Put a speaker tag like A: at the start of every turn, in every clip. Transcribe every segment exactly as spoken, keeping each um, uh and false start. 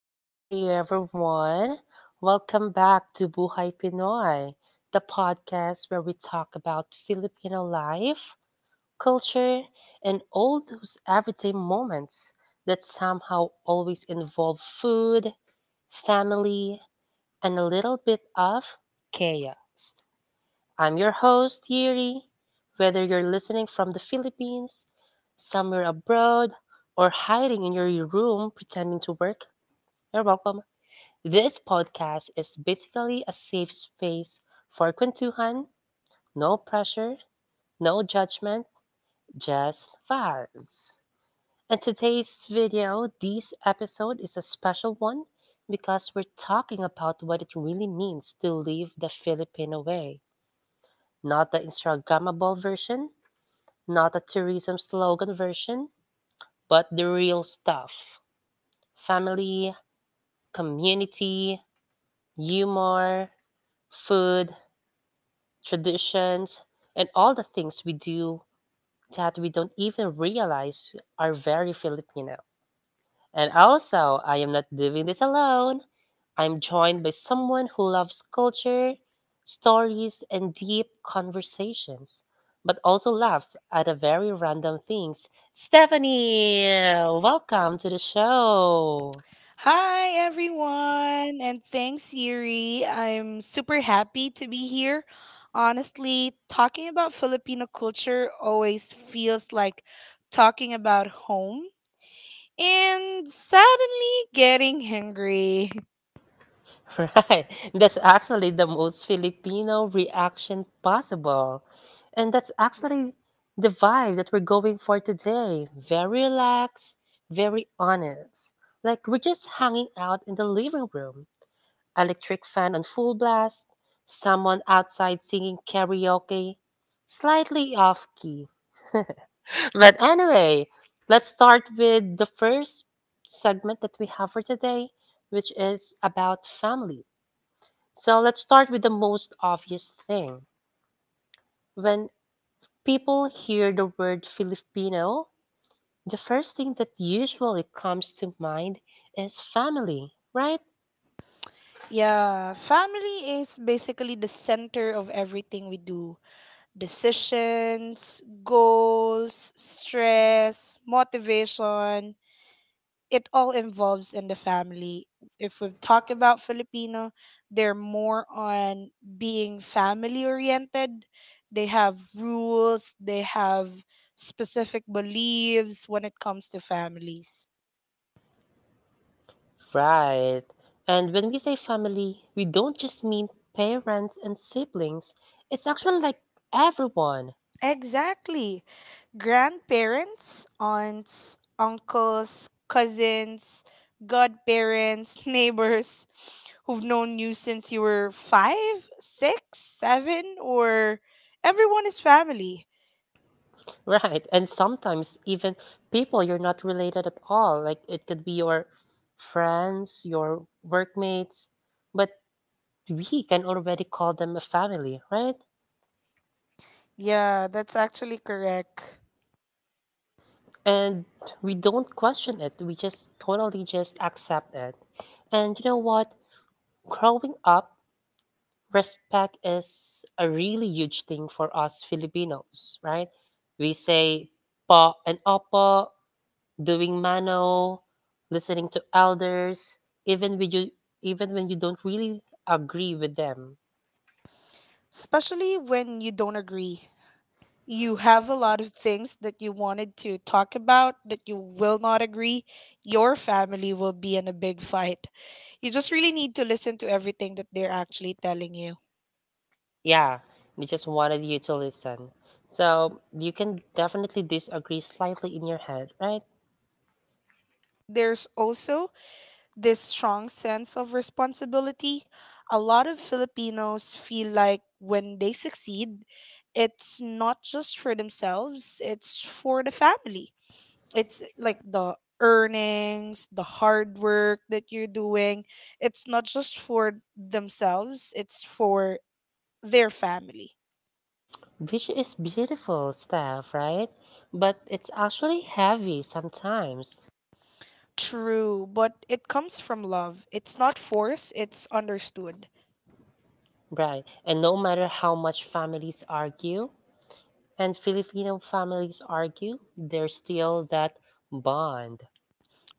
A: Hey everyone! Welcome back to Buhay Pinoy, the podcast where we talk about Filipino life, culture, and all those everyday moments that somehow always involve food, family, and a little bit of chaos. I'm your host, Yuri. Whether you're listening from the Philippines, somewhere abroad, or hiding in your room pretending to work, you're welcome. This podcast is basically a safe space for kwentuhan, no pressure, no judgment, just vibes. And today's video, this episode is a special one because we're talking about what it really means to live the Filipino way, not the Instagrammable version, not a tourism slogan version, but the real stuff. Family, community, humor, food, traditions, and all the things we do that we don't even realize are very Filipino. And also, I am not doing this alone. I'm joined by someone who loves culture, stories, and deep conversations, but also laughs at a very random things. Stephanie, welcome to the show.
B: Hi, everyone, and thanks, Yuri. I'm super happy to be here. Honestly, talking about Filipino culture always feels like talking about home and suddenly getting hungry.
A: Right. That's actually the most Filipino reaction possible. And that's actually the vibe that we're going for today. Very relaxed, very honest. Like we're just hanging out in the living room, electric fan on full blast, someone outside singing karaoke, slightly off key. But anyway, let's start with the first segment that we have for today, which is about family. So let's start with the most obvious thing. When people hear the word Filipino, the first thing that usually comes to mind is family, right?
B: Yeah, family is basically the center of everything we do: decisions, goals, stress, motivation, it all involves in the family. If we talk about Filipino, they're more on being family oriented. They have rules, they have specific beliefs when it comes to families.
A: Right. And when we say family, we don't just mean parents and siblings, it's actually like everyone,
B: Exactly. Grandparents, aunts, uncles, cousins, godparents, neighbors who've known you since you were five, six, seven, or everyone is family.
A: right? And sometimes even people you're not related at all. Like it could be your friends, your workmates, but we can already call them a family, right?
B: Yeah, that's actually correct.
A: And we don't question it. We just totally just accept it. And you know what? Growing up, respect is a really huge thing for us Filipinos, right? We say pa and apa, doing mano, listening to elders, even when you even when you don't really agree with them.
B: Especially when you don't agree. You have a lot of things that you wanted to talk about that you will not agree. Your family will be in a big fight. You just really need to listen to everything that they're actually telling you.
A: Yeah, they just wanted you to listen. So you can definitely disagree slightly in your head, right?
B: There's also this strong sense of responsibility. A lot of Filipinos feel like when they succeed, it's not just for themselves, it's for the family, it's like the earnings, the hard work that you're doing. It's not just for themselves, it's for their family.
A: Which is beautiful stuff, right? But it's actually heavy sometimes,
B: True, but it comes from love. It's not force, it's understood.
A: right? And no matter how much families argue, and Filipino families argue, there's still that bond,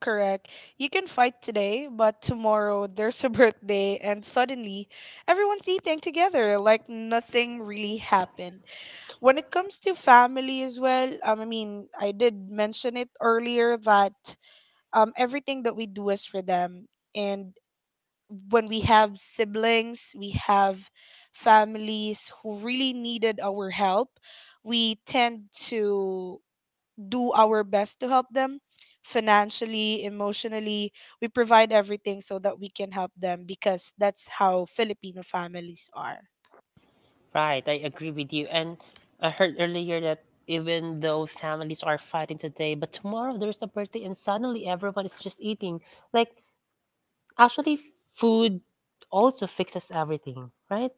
B: Correct. You can fight today, but tomorrow there's a birthday, and suddenly everyone's eating together like nothing really happened. When it comes to family as well, um, I mean, I did mention it earlier that um, everything that we do is for them. And when we have siblings, we have families who really needed our help, we tend to do our best to help them financially, emotionally. We provide everything so that we can help them because that's how Filipino families are.
A: right? I agree with you. And I heard earlier that even though families are fighting today, but tomorrow there's a birthday and suddenly everyone is just eating. Like, actually, food also fixes everything, right?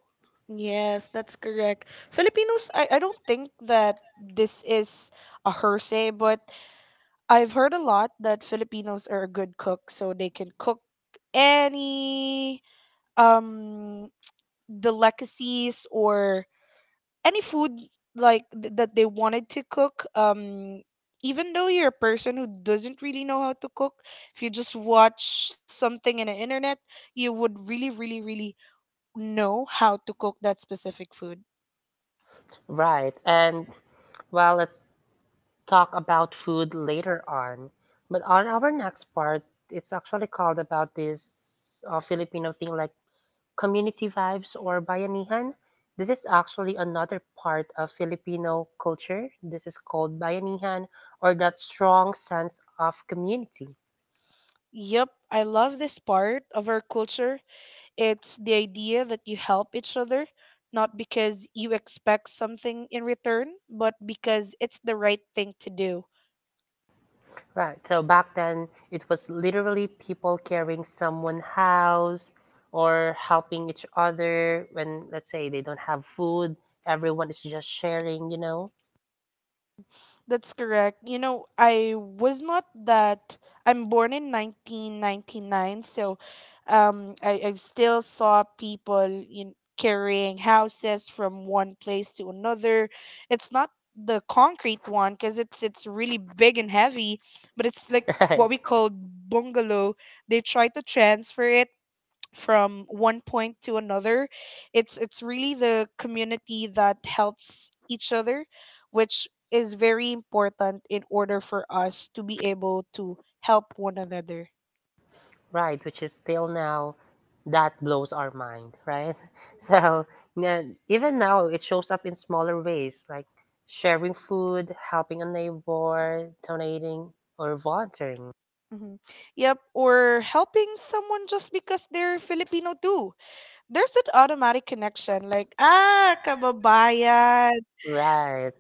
B: Yes, that's correct. Filipinos, I, I don't think that this is a hearsay, but I've heard a lot that Filipinos are a good cook, so they can cook any um delicacies or any food like th- that they wanted to cook. Um, even though you're a person who doesn't really know how to cook, if you just watch something in the internet, you would really, really, really know how to cook that specific food.
A: Right. And well, let's talk about food later on. But on our next part, it's actually called about this uh, Filipino thing like community vibes or bayanihan. This is actually another part of Filipino culture. This is called bayanihan or that strong sense of community.
B: Yep, I love this part of our culture. It's the idea that you help each other, not because you expect something in return, but because it's the right thing to do.
A: Right. So back then, it was literally people carrying someone's house or helping each other when, let's say, they don't have food. Everyone is just sharing, you know?
B: That's correct. You know, I was not that. I'm born in nineteen ninety-nine, so um, I, I still saw people in, carrying houses from one place to another. It's not the concrete one because it's it's really big and heavy, but it's like what we
A: Right.
B: call bungalow. They try to transfer it from one point to another. It's it's really the community that helps each other, which is very important in order for us to be able to help one another.
A: Right. Which is still now, that blows our mind, right? So yeah, even now, it shows up in smaller ways like sharing food, helping a neighbor, donating, or volunteering.
B: hmm yep, or helping someone just because they're Filipino too. There's an automatic connection, like, ah, kababayan.
A: Right.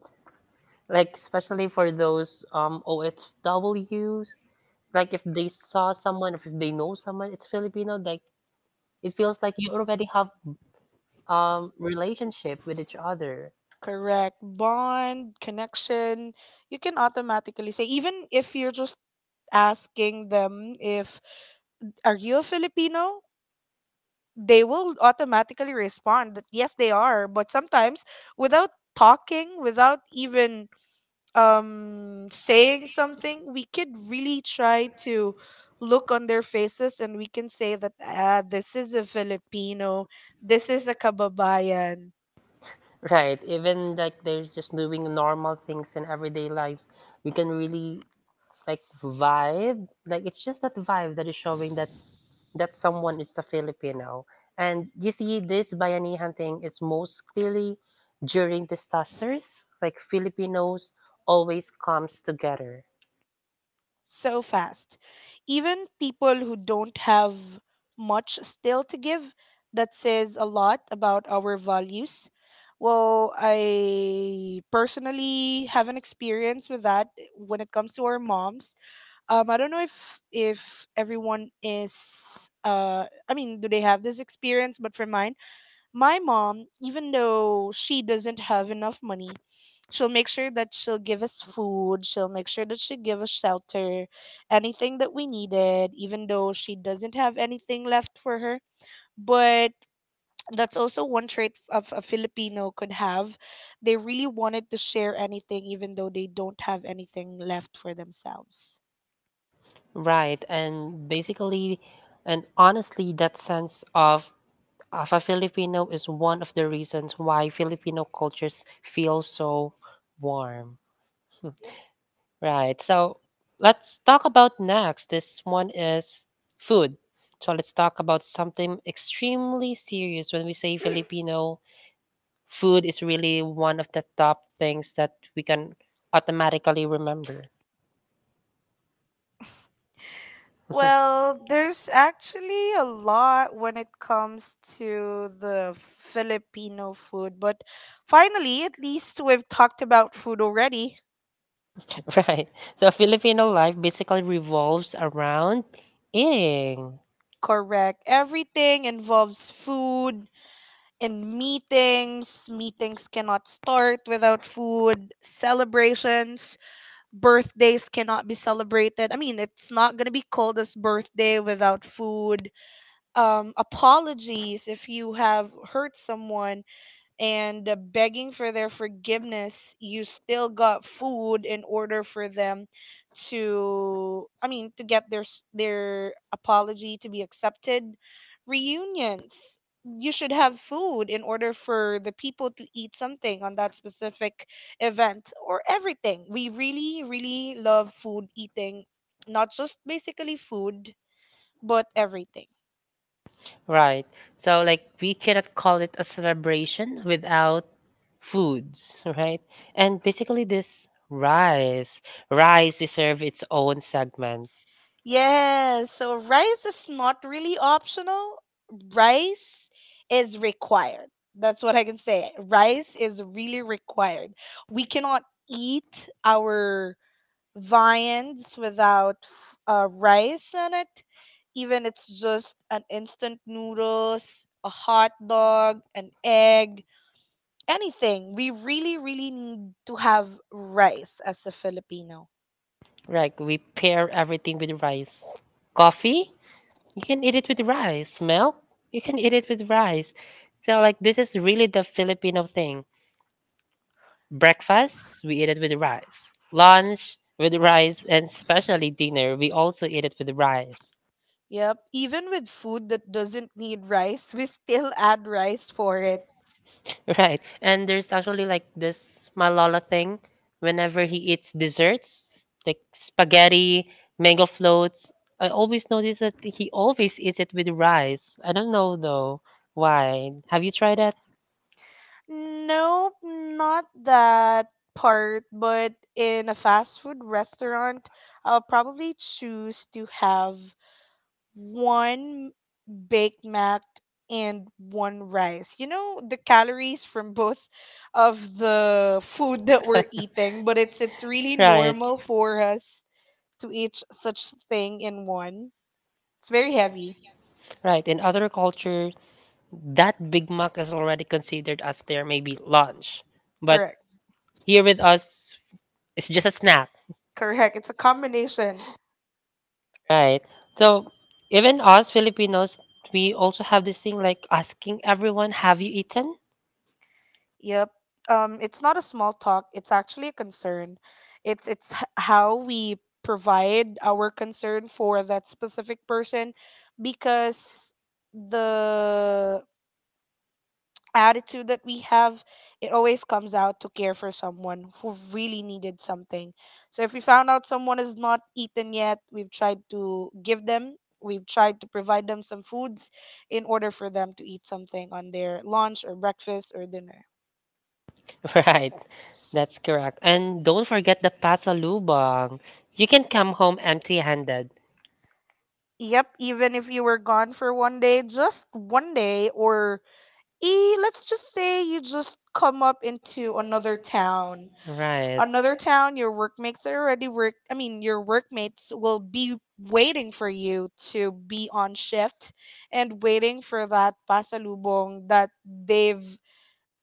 A: Like especially for those um oh O F Ws. Like if they saw someone, if they know someone, it's Filipino. Like it feels like you already have um relationship with each other,
B: Correct, bond, connection. You can automatically say, even if you're just asking them, if are you a Filipino? They will automatically respond that yes, they are. But sometimes, without talking, without even um, saying something, we could really try to look on their faces and we can say that, ah, this is a Filipino, this is a kababayan.
A: right? Even like they're just doing normal things in everyday lives, we can really like vibe. Like it's just that vibe that is showing that that someone is a Filipino. And you see, this Bayanihan thing is most clearly during disasters. Like Filipinos always comes together.
B: So fast. Even people who don't have much still to give, that says a lot about our values. Well, I personally have an experience with that when it comes to our moms. Um, I don't know if if everyone is uh I mean, do they have this experience? But for mine, my mom, even though she doesn't have enough money, she'll make sure that she'll give us food. She'll make sure that she give us shelter, anything that we needed, even though she doesn't have anything left for her. But that's also one trait of a Filipino could have. They really wanted to share anything, even though they don't have anything left for themselves.
A: Right, and basically, and honestly, that sense of of a Filipino is one of the reasons why Filipino cultures feel so warm. Right, so let's talk about next. This one is food. So let's talk about something extremely serious. When we say Filipino, food is really one of the top things that we can automatically remember.
B: Well, there's actually a lot when it comes to the Filipino food, but finally, at least we've talked about food already.
A: Right. So Filipino life basically revolves around eating.
B: Correct. Everything involves food in meetings. Meetings cannot start without food. Celebrations, birthdays cannot be celebrated. I mean, it's not going to be called as birthday without food. Um, apologies if you have hurt someone and uh, begging for their forgiveness, you still got food in order for them to, I mean, to get their s- their apology to be accepted. Reunions, you should have food in order for the people to eat something on that specific event or everything. We really, really love food eating, not just basically food, but everything.
A: Right. So like we cannot call it a celebration without foods, right? And basically this rice, rice deserve its own segment.
B: Yes, so rice is not really optional. Rice is required. That's what I can say. Rice is really required. We cannot eat our viands without f- uh, rice in it. Even it's just an instant noodles, a hot dog, an egg, anything. We really, really need to have rice as a Filipino.
A: Right. We pair everything with rice. Coffee, you can eat it with rice. Milk, you can eat it with rice. So like this is really the Filipino thing. Breakfast, we eat it with rice. Lunch, with rice, and especially dinner, we also eat it with rice.
B: Yep. Even with food that doesn't need rice, we still add rice for it.
A: Right. And there's actually like this Malala thing. Whenever he eats desserts, like spaghetti, mango floats, I always notice that he always eats it with rice. I don't know though why. Have you tried that?
B: Nope, not that part, but in a fast food restaurant, I'll probably choose to have one baked mac and one rice. You know, the calories from both of the food that we're eating, but it's it's really
A: Right.
B: normal for us to eat such thing in one. It's very heavy.
A: Right. In other culture, that Big Mac is already considered as their maybe lunch. But
B: Correct.
A: here with us is just a snack,
B: Correct. It's a combination.
A: right? So even us Filipinos, we also have this thing like asking everyone, "Have you eaten?"
B: Yep. Um, it's not a small talk. It's actually a concern. It's it's h- how we provide our concern for that specific person, because the attitude that we have, it always comes out to care for someone who really needed something. So if we found out someone has not eaten yet, we've tried to give them, we've tried to provide them some foods in order for them to eat something on their lunch or breakfast or dinner.
A: Right. That's correct. And don't forget the pasalubong. You can come home empty-handed.
B: Yep, even if you were gone for one day, just one day, or e, let's just say you just come up into another town.
A: Right.
B: Another town, your workmates are already work. I mean, your workmates will be waiting for you to be on shift and waiting for that pasalubong that they've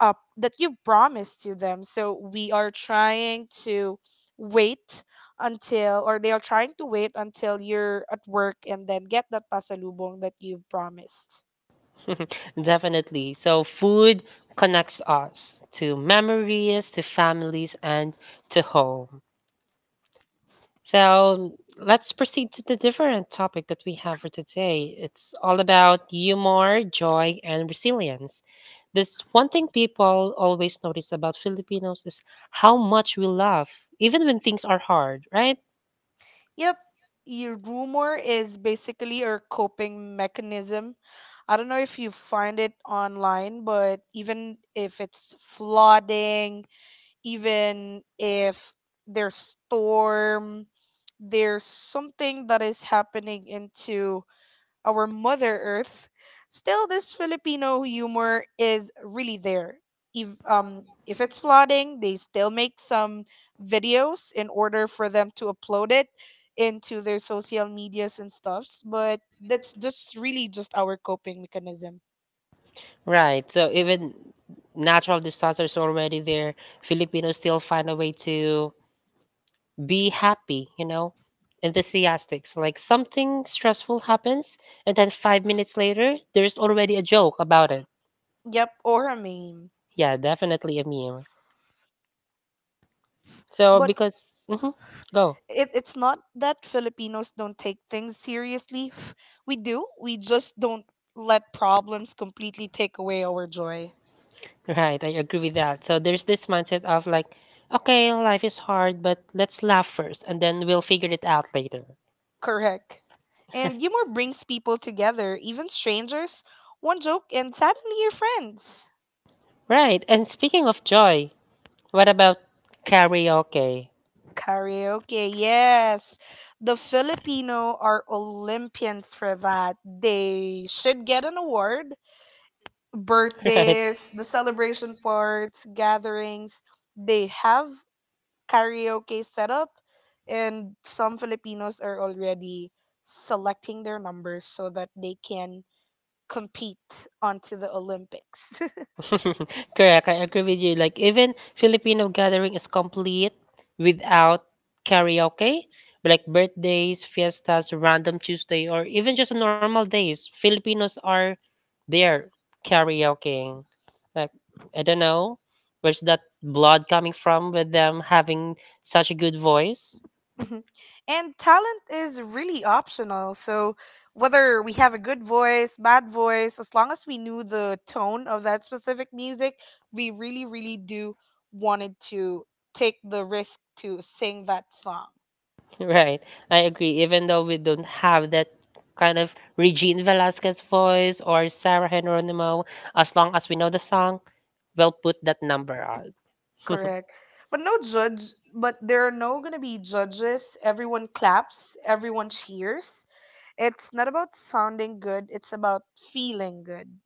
B: uh, that you have promised to them. So we are trying to wait until, or they are trying to wait until you're at work and then get that pasalubong that you've promised.
A: Definitely. So food connects us to memories, to families, and to home. So let's proceed to the different topic that we have for today. It's all about humor, joy, and resilience. This one thing people always notice about Filipinos is how much we laugh, even when things are hard, right?
B: Yep, your rumor is basically a coping mechanism. I don't know if you find it online, but even if it's flooding, even if there's storm, there's something that is happening into our Mother Earth, still this Filipino humor is really there. If, um, if it's flooding, they still make some videos in order for them to upload it into their social medias and stuffs. But that's just really just our coping mechanism.
A: Right. So even natural disasters already there, Filipinos still find a way to be happy, you know, enthusiastic. So like something stressful happens, and then five minutes later, there's already a joke about it.
B: Yep, or a meme.
A: Yeah, definitely a meme. So
B: But
A: because hmm go.
B: it, it's not that Filipinos don't take things seriously. We do. We just don't let problems completely take away our joy.
A: Right, I agree with that. So there's this mindset of like, okay, life is hard, but let's laugh first, and then we'll figure it out later.
B: Correct. And humor brings people together, even strangers. One joke, and suddenly you're friends.
A: Right. And speaking of joy, what about karaoke?
B: Karaoke, yes. The Filipino are Olympians for that. They should get an award. Birthdays, the celebration
A: Right.
B: parts, gatherings, they have karaoke set up, and some Filipinos are already selecting their numbers so that they can compete onto the Olympics.
A: Correct, I agree with you. Like even Filipino gathering is complete without karaoke, like birthdays, fiestas, random Tuesday, or even just normal days. Filipinos are there karaokeing. Like I don't know where's that blood coming from with them having such a good voice.
B: Mhm. And talent is really optional. So whether we have a good voice, bad voice, as long as we knew the tone of that specific music, we really, really do wanted to take the risk to sing that song.
A: Right, I agree. Even though we don't have that kind of Regine Velasquez voice or Sarah Geronimo, as long as we know the song, well put that number on.
B: Correct. But no judge, but there are no going to be judges. Everyone claps, everyone cheers. It's not about sounding good, it's about feeling good.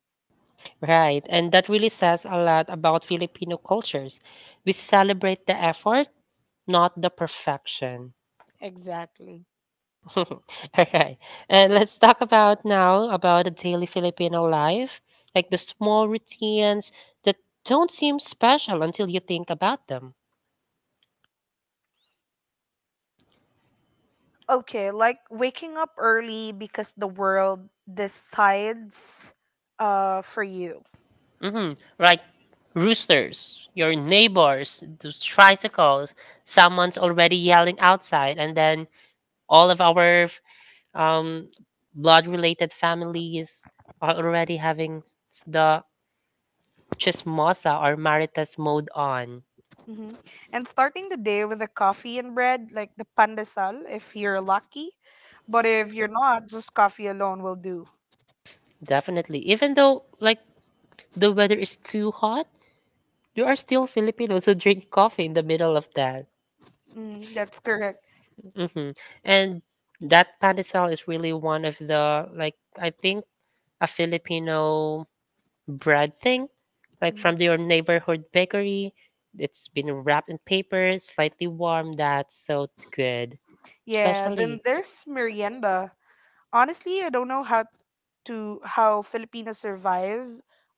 A: Right, and that really says a lot about Filipino cultures. We celebrate the effort, not the perfection.
B: Exactly.
A: All right, and let's talk about now about the daily Filipino life, like the small routines that don't seem special until you think about them.
B: Okay, like waking up early because the world decides uh for you.
A: Mm-hmm. Like roosters, your neighbors, those tricycles, someone's already yelling outside, and then all of our um, blood related families are already having the chismosa or maritas mode on.
B: hmm And starting the day with a coffee and bread, like the pandesal if you're lucky. But if you're not, just coffee alone will do.
A: Definitely. Even though like the weather is too hot, there are still Filipinos who drink coffee in the middle of that.
B: Mm, that's correct.
A: hmm And that pandesal is really one of the like I think a Filipino bread thing, like
B: Mm.
A: from your neighborhood bakery. It's been wrapped in paper, slightly warm. That's so good,
B: Yeah, then
A: especially.
B: there's merienda. Honestly, I don't know how to how Filipinos survive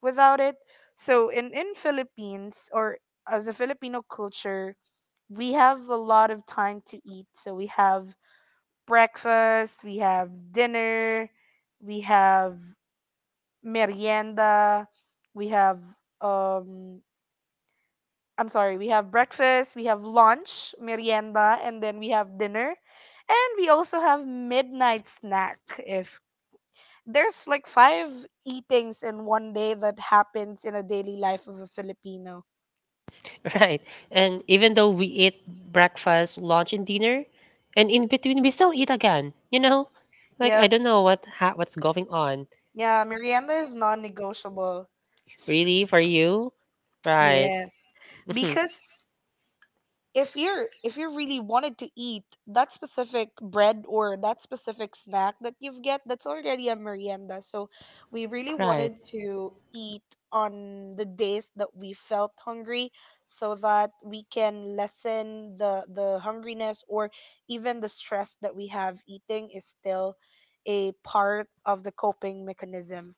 B: without it. So in in Philippines or as a Filipino culture, we have a lot of time to eat. So we have breakfast, we have dinner, we have merienda, we have um I'm sorry, we have breakfast, we have lunch, merienda, and then we have dinner. And we also have midnight snack if there's like five eatings in one day that happens in a daily life of a Filipino.
A: Right. And even though we eat breakfast, lunch, and dinner, and in between we still eat again, you know? Like I
B: Yep.
A: don't know what ha- what's going on.
B: Yeah, merienda is non-negotiable.
A: Really for you? Right.
B: Yes.
A: Mhm.
B: Because if you're if you really wanted to eat that specific bread or that specific snack that you've get, that's already a merienda. So we really
A: Right.
B: wanted to eat on the days that we felt hungry so that we can lessen the the hungriness or even the stress that we have eating is still a part of the coping mechanism.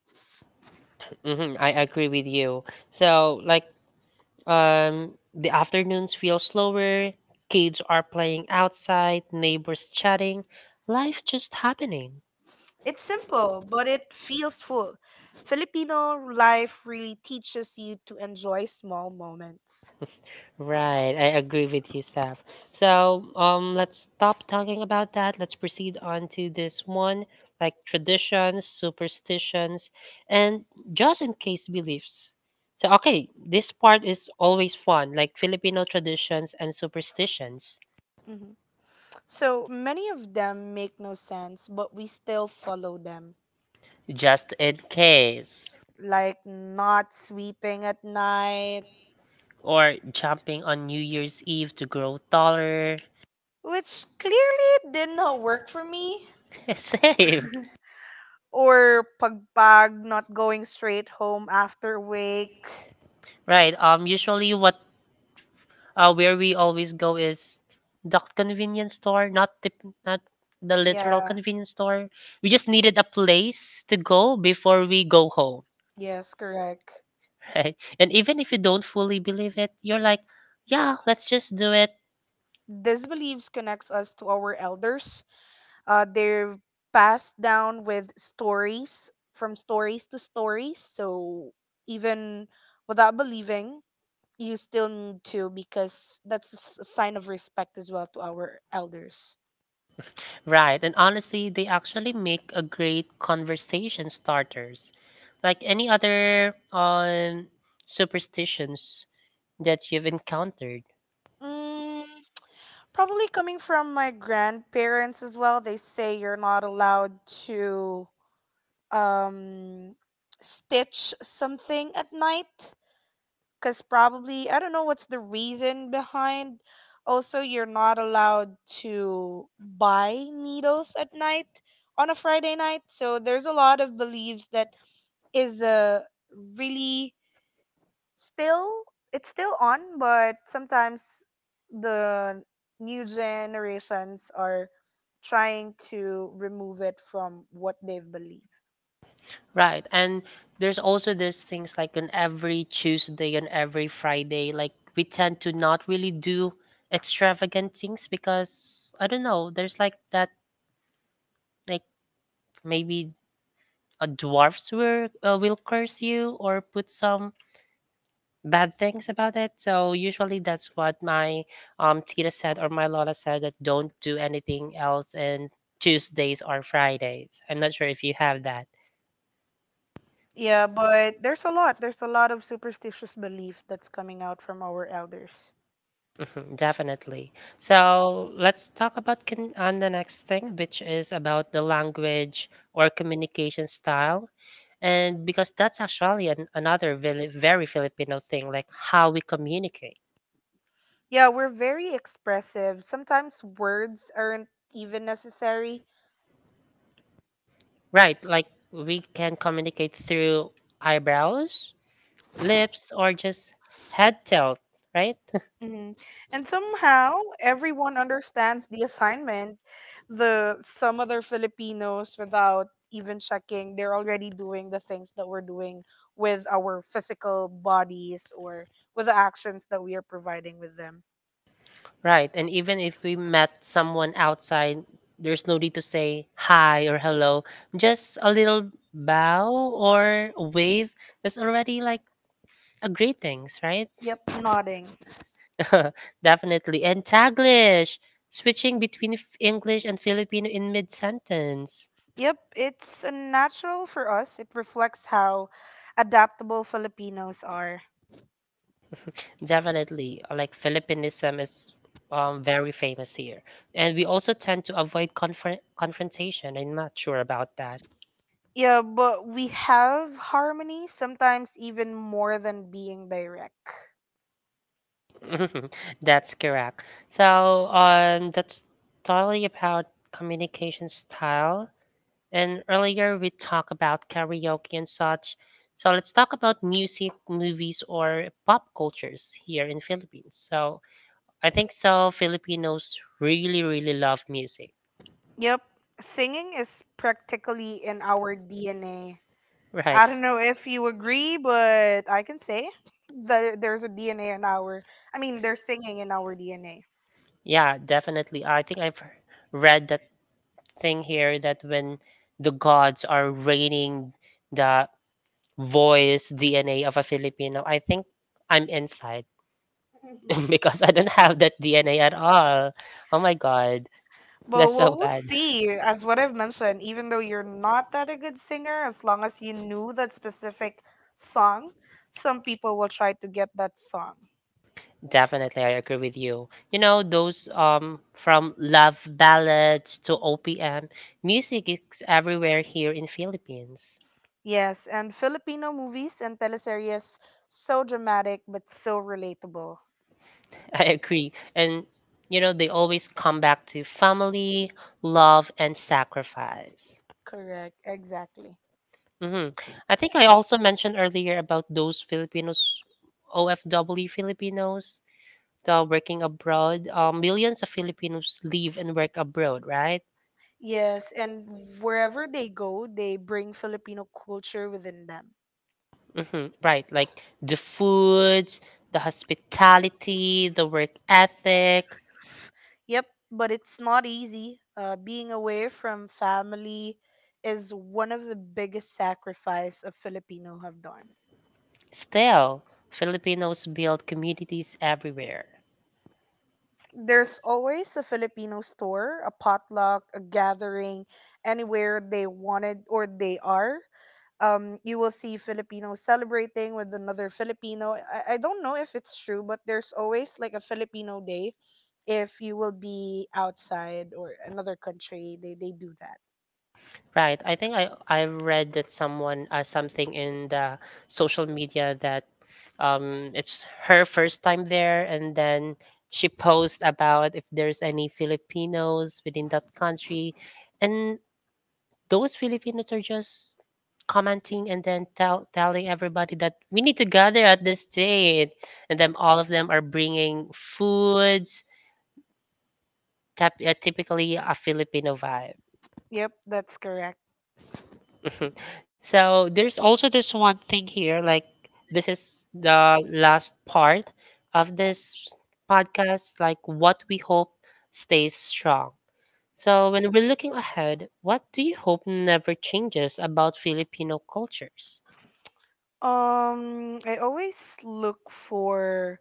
A: hmm I agree with you. So, like, Um, the afternoons feel slower, kids are playing outside, neighbors chatting, life's just happening.
B: It's simple, but it feels full. Filipino life really teaches you to enjoy small moments.
A: Right, I agree with you, Steph. So, um, let's stop talking about that. Let's proceed on to this one, like traditions, superstitions, and just in case beliefs. So, okay, this part is always fun, like Filipino traditions and superstitions.
B: Mhm. So many of them make no sense, but we still follow them.
A: Just in case,
B: Like not sweeping at night,
A: or jumping on New Year's Eve to grow taller.
B: which clearly did not work for me.
A: Same.
B: Or pagbag, not going straight home after wake.
A: Right. Um usually what uh where we always go is the convenience store, not the not the literal
B: Yeah,
A: convenience store. We just needed a place to go before we go home,
B: yes, correct.
A: right? And even if you don't fully believe it, you're like, yeah, let's just do it.
B: These beliefs connects us to our elders. Uh, they're passed down with stories from stories to stories. So even without believing, you still need to because that's a s- a sign of respect as well to our elders.
A: Right. And honestly, they actually make a great conversation starters. Like any other um superstitions that you've encountered.
B: Mm, probably coming from my grandparents as well. They say you're not allowed to um, stitch something at night because probably I don't know what's the reason behind. Also, you're not allowed to buy needles at night on a Friday night. So there's a lot of beliefs that is a really still it's still on, but sometimes the new generations are trying to remove it from what they've believed.
A: Right. And there's also these things like on every Tuesday and every Friday, like we tend to not really do extravagant things because I don't know, there's like that like maybe a dwarfs will uh, will curse you or put some bad things about it. So usually that's what my um Tita said or my Lola said that don't do anything else and Tuesdays or Fridays. I'm not sure if you have that.
B: Yeah, but there's a lot there's a lot of superstitious belief that's coming out from our elders.
A: Mhm. Definitely. So let's talk about con on the next thing, which is about the language or communication style. And because that's actually an, another very, very Filipino thing, like how we communicate,
B: Yeah, we're very expressive, sometimes words aren't even necessary.
A: right? Like we can communicate through eyebrows, lips, or just head tilt, right?
B: hmm And somehow everyone understands the assignment. The some other Filipinos, without even checking, they're already doing the things that we're doing with our physical bodies or with the actions that we are providing with them.
A: Right. And even if we met someone outside, there's no need to say hi or hello. Just a little bow or a wave. That's already like a greetings, right?
B: Yep, nodding.
A: Definitely. And Taglish, switching between F- English and Filipino in mid sentence.
B: Yep, it's uh, natural for us. It reflects how adaptable Filipinos are.
A: Definitely. Like Filipinism is um, very famous here. And we also tend to avoid confront confrontation. I'm not sure about that.
B: Yeah, but we have harmony sometimes even more than being direct.
A: That's correct. So, um, that's totally about communication style. And earlier we talked about karaoke and such. So let's talk about music, movies, or pop cultures here in Philippines. So I think so Filipinos really, really love music,
B: Yep. Singing is practically in our D N A.
A: right?
B: I don't know if you agree, but I can say that there's a D N A in our, I mean, there's singing in our D N A.
A: Yeah, definitely. I think I've read that thing here that when the gods are raining the voice D N A of a Filipino, I think I'm inside because I don't have that D N A at all. Oh my god,
B: But
A: that's
B: we'll,
A: so
B: we'll
A: bad.
B: see. As what I've mentioned, even though you're not that a good singer, as long as you knew that specific song, some people will try to get that song.
A: Definitely, I agree with you. You know, those um from love ballads to O P M, music is everywhere here in Philippines.
B: Yes, and Filipino movies and teleseries, so dramatic but so relatable.
A: I agree. And you know, they always come back to family, love and sacrifice.
B: Correct, exactly.
A: Mhm. I think I also mentioned earlier about those Filipinos, O F W Filipinos, the working abroad. Um, millions of Filipinos live and work abroad, right?
B: Yes, and wherever they go, they bring Filipino culture within them.
A: Hmm. Right. Like the food, the hospitality, the work ethic.
B: Yep, but it's not easy. Uh, being away from family is one of the biggest sacrifice a Filipino have done.
A: Still, Filipinos build communities everywhere.
B: There's always a Filipino store, a potluck, a gathering, anywhere they wanted or they are. Um, you will see Filipinos celebrating with another Filipino. I, I don't know if it's true, but there's always like a Filipino day if you will be outside or another country they they do that.
A: Right. I think I, I read that someone uh, something in the social media that um, it's her first time there, and then she posed about if there's any Filipinos within that country, and those Filipinos are just commenting and then tell telling everybody that we need to gather at this date, and then all of them are bringing foods, tap, uh, typically a Filipino vibe.
B: Yep, that's correct.
A: So there's also this one thing here, like this is the last part of this podcast, like what we hope stays strong. So when we're looking ahead, what do you hope never changes about Filipino cultures?
B: um I always look for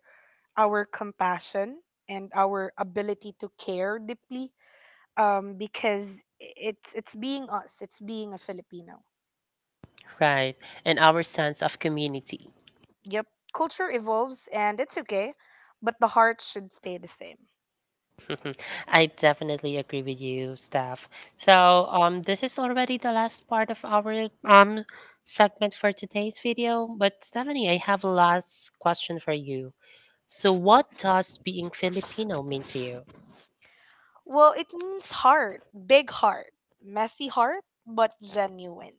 B: our compassion and our ability to care deeply, um because it's it's being us, it's being a Filipino.
A: Right, and our sense of community.
B: Yep. Culture evolves and it's okay, but the heart should stay the same.
A: I definitely agree with you, Steph. So, um, this is already the last part of our um segment for today's video. But Stephanie, I have a last question for you. So, what does being Filipino mean to you?
B: Well, it means heart, big heart, messy heart, but genuine.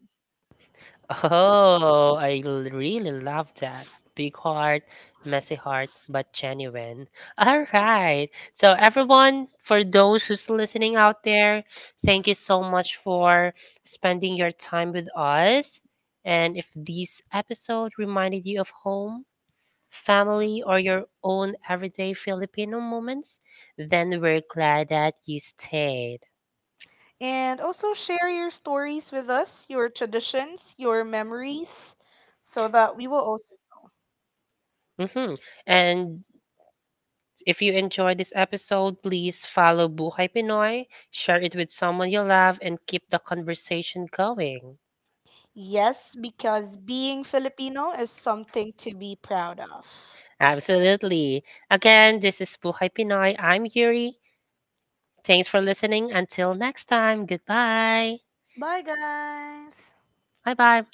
A: Oh, I l- really love that. Big heart, messy heart, but genuine. All right. So, everyone, for those who's listening out there, thank you so much for spending your time with us. And if this episode reminded you of home, family, or your own everyday Filipino moments, then we're glad that you stayed.
B: And also share your stories with us, your traditions, your memories, so that we will also.
A: hmm And if you enjoyed this episode, please follow Buhay Pinoy, share it with someone you love, and keep the conversation going.
B: Yes, because being Filipino is something to be proud of.
A: Absolutely. Again, this is Buhay Pinoy. I'm Yuri. Thanks for listening. Until next time, goodbye.
B: Bye, guys.
A: Bye bye.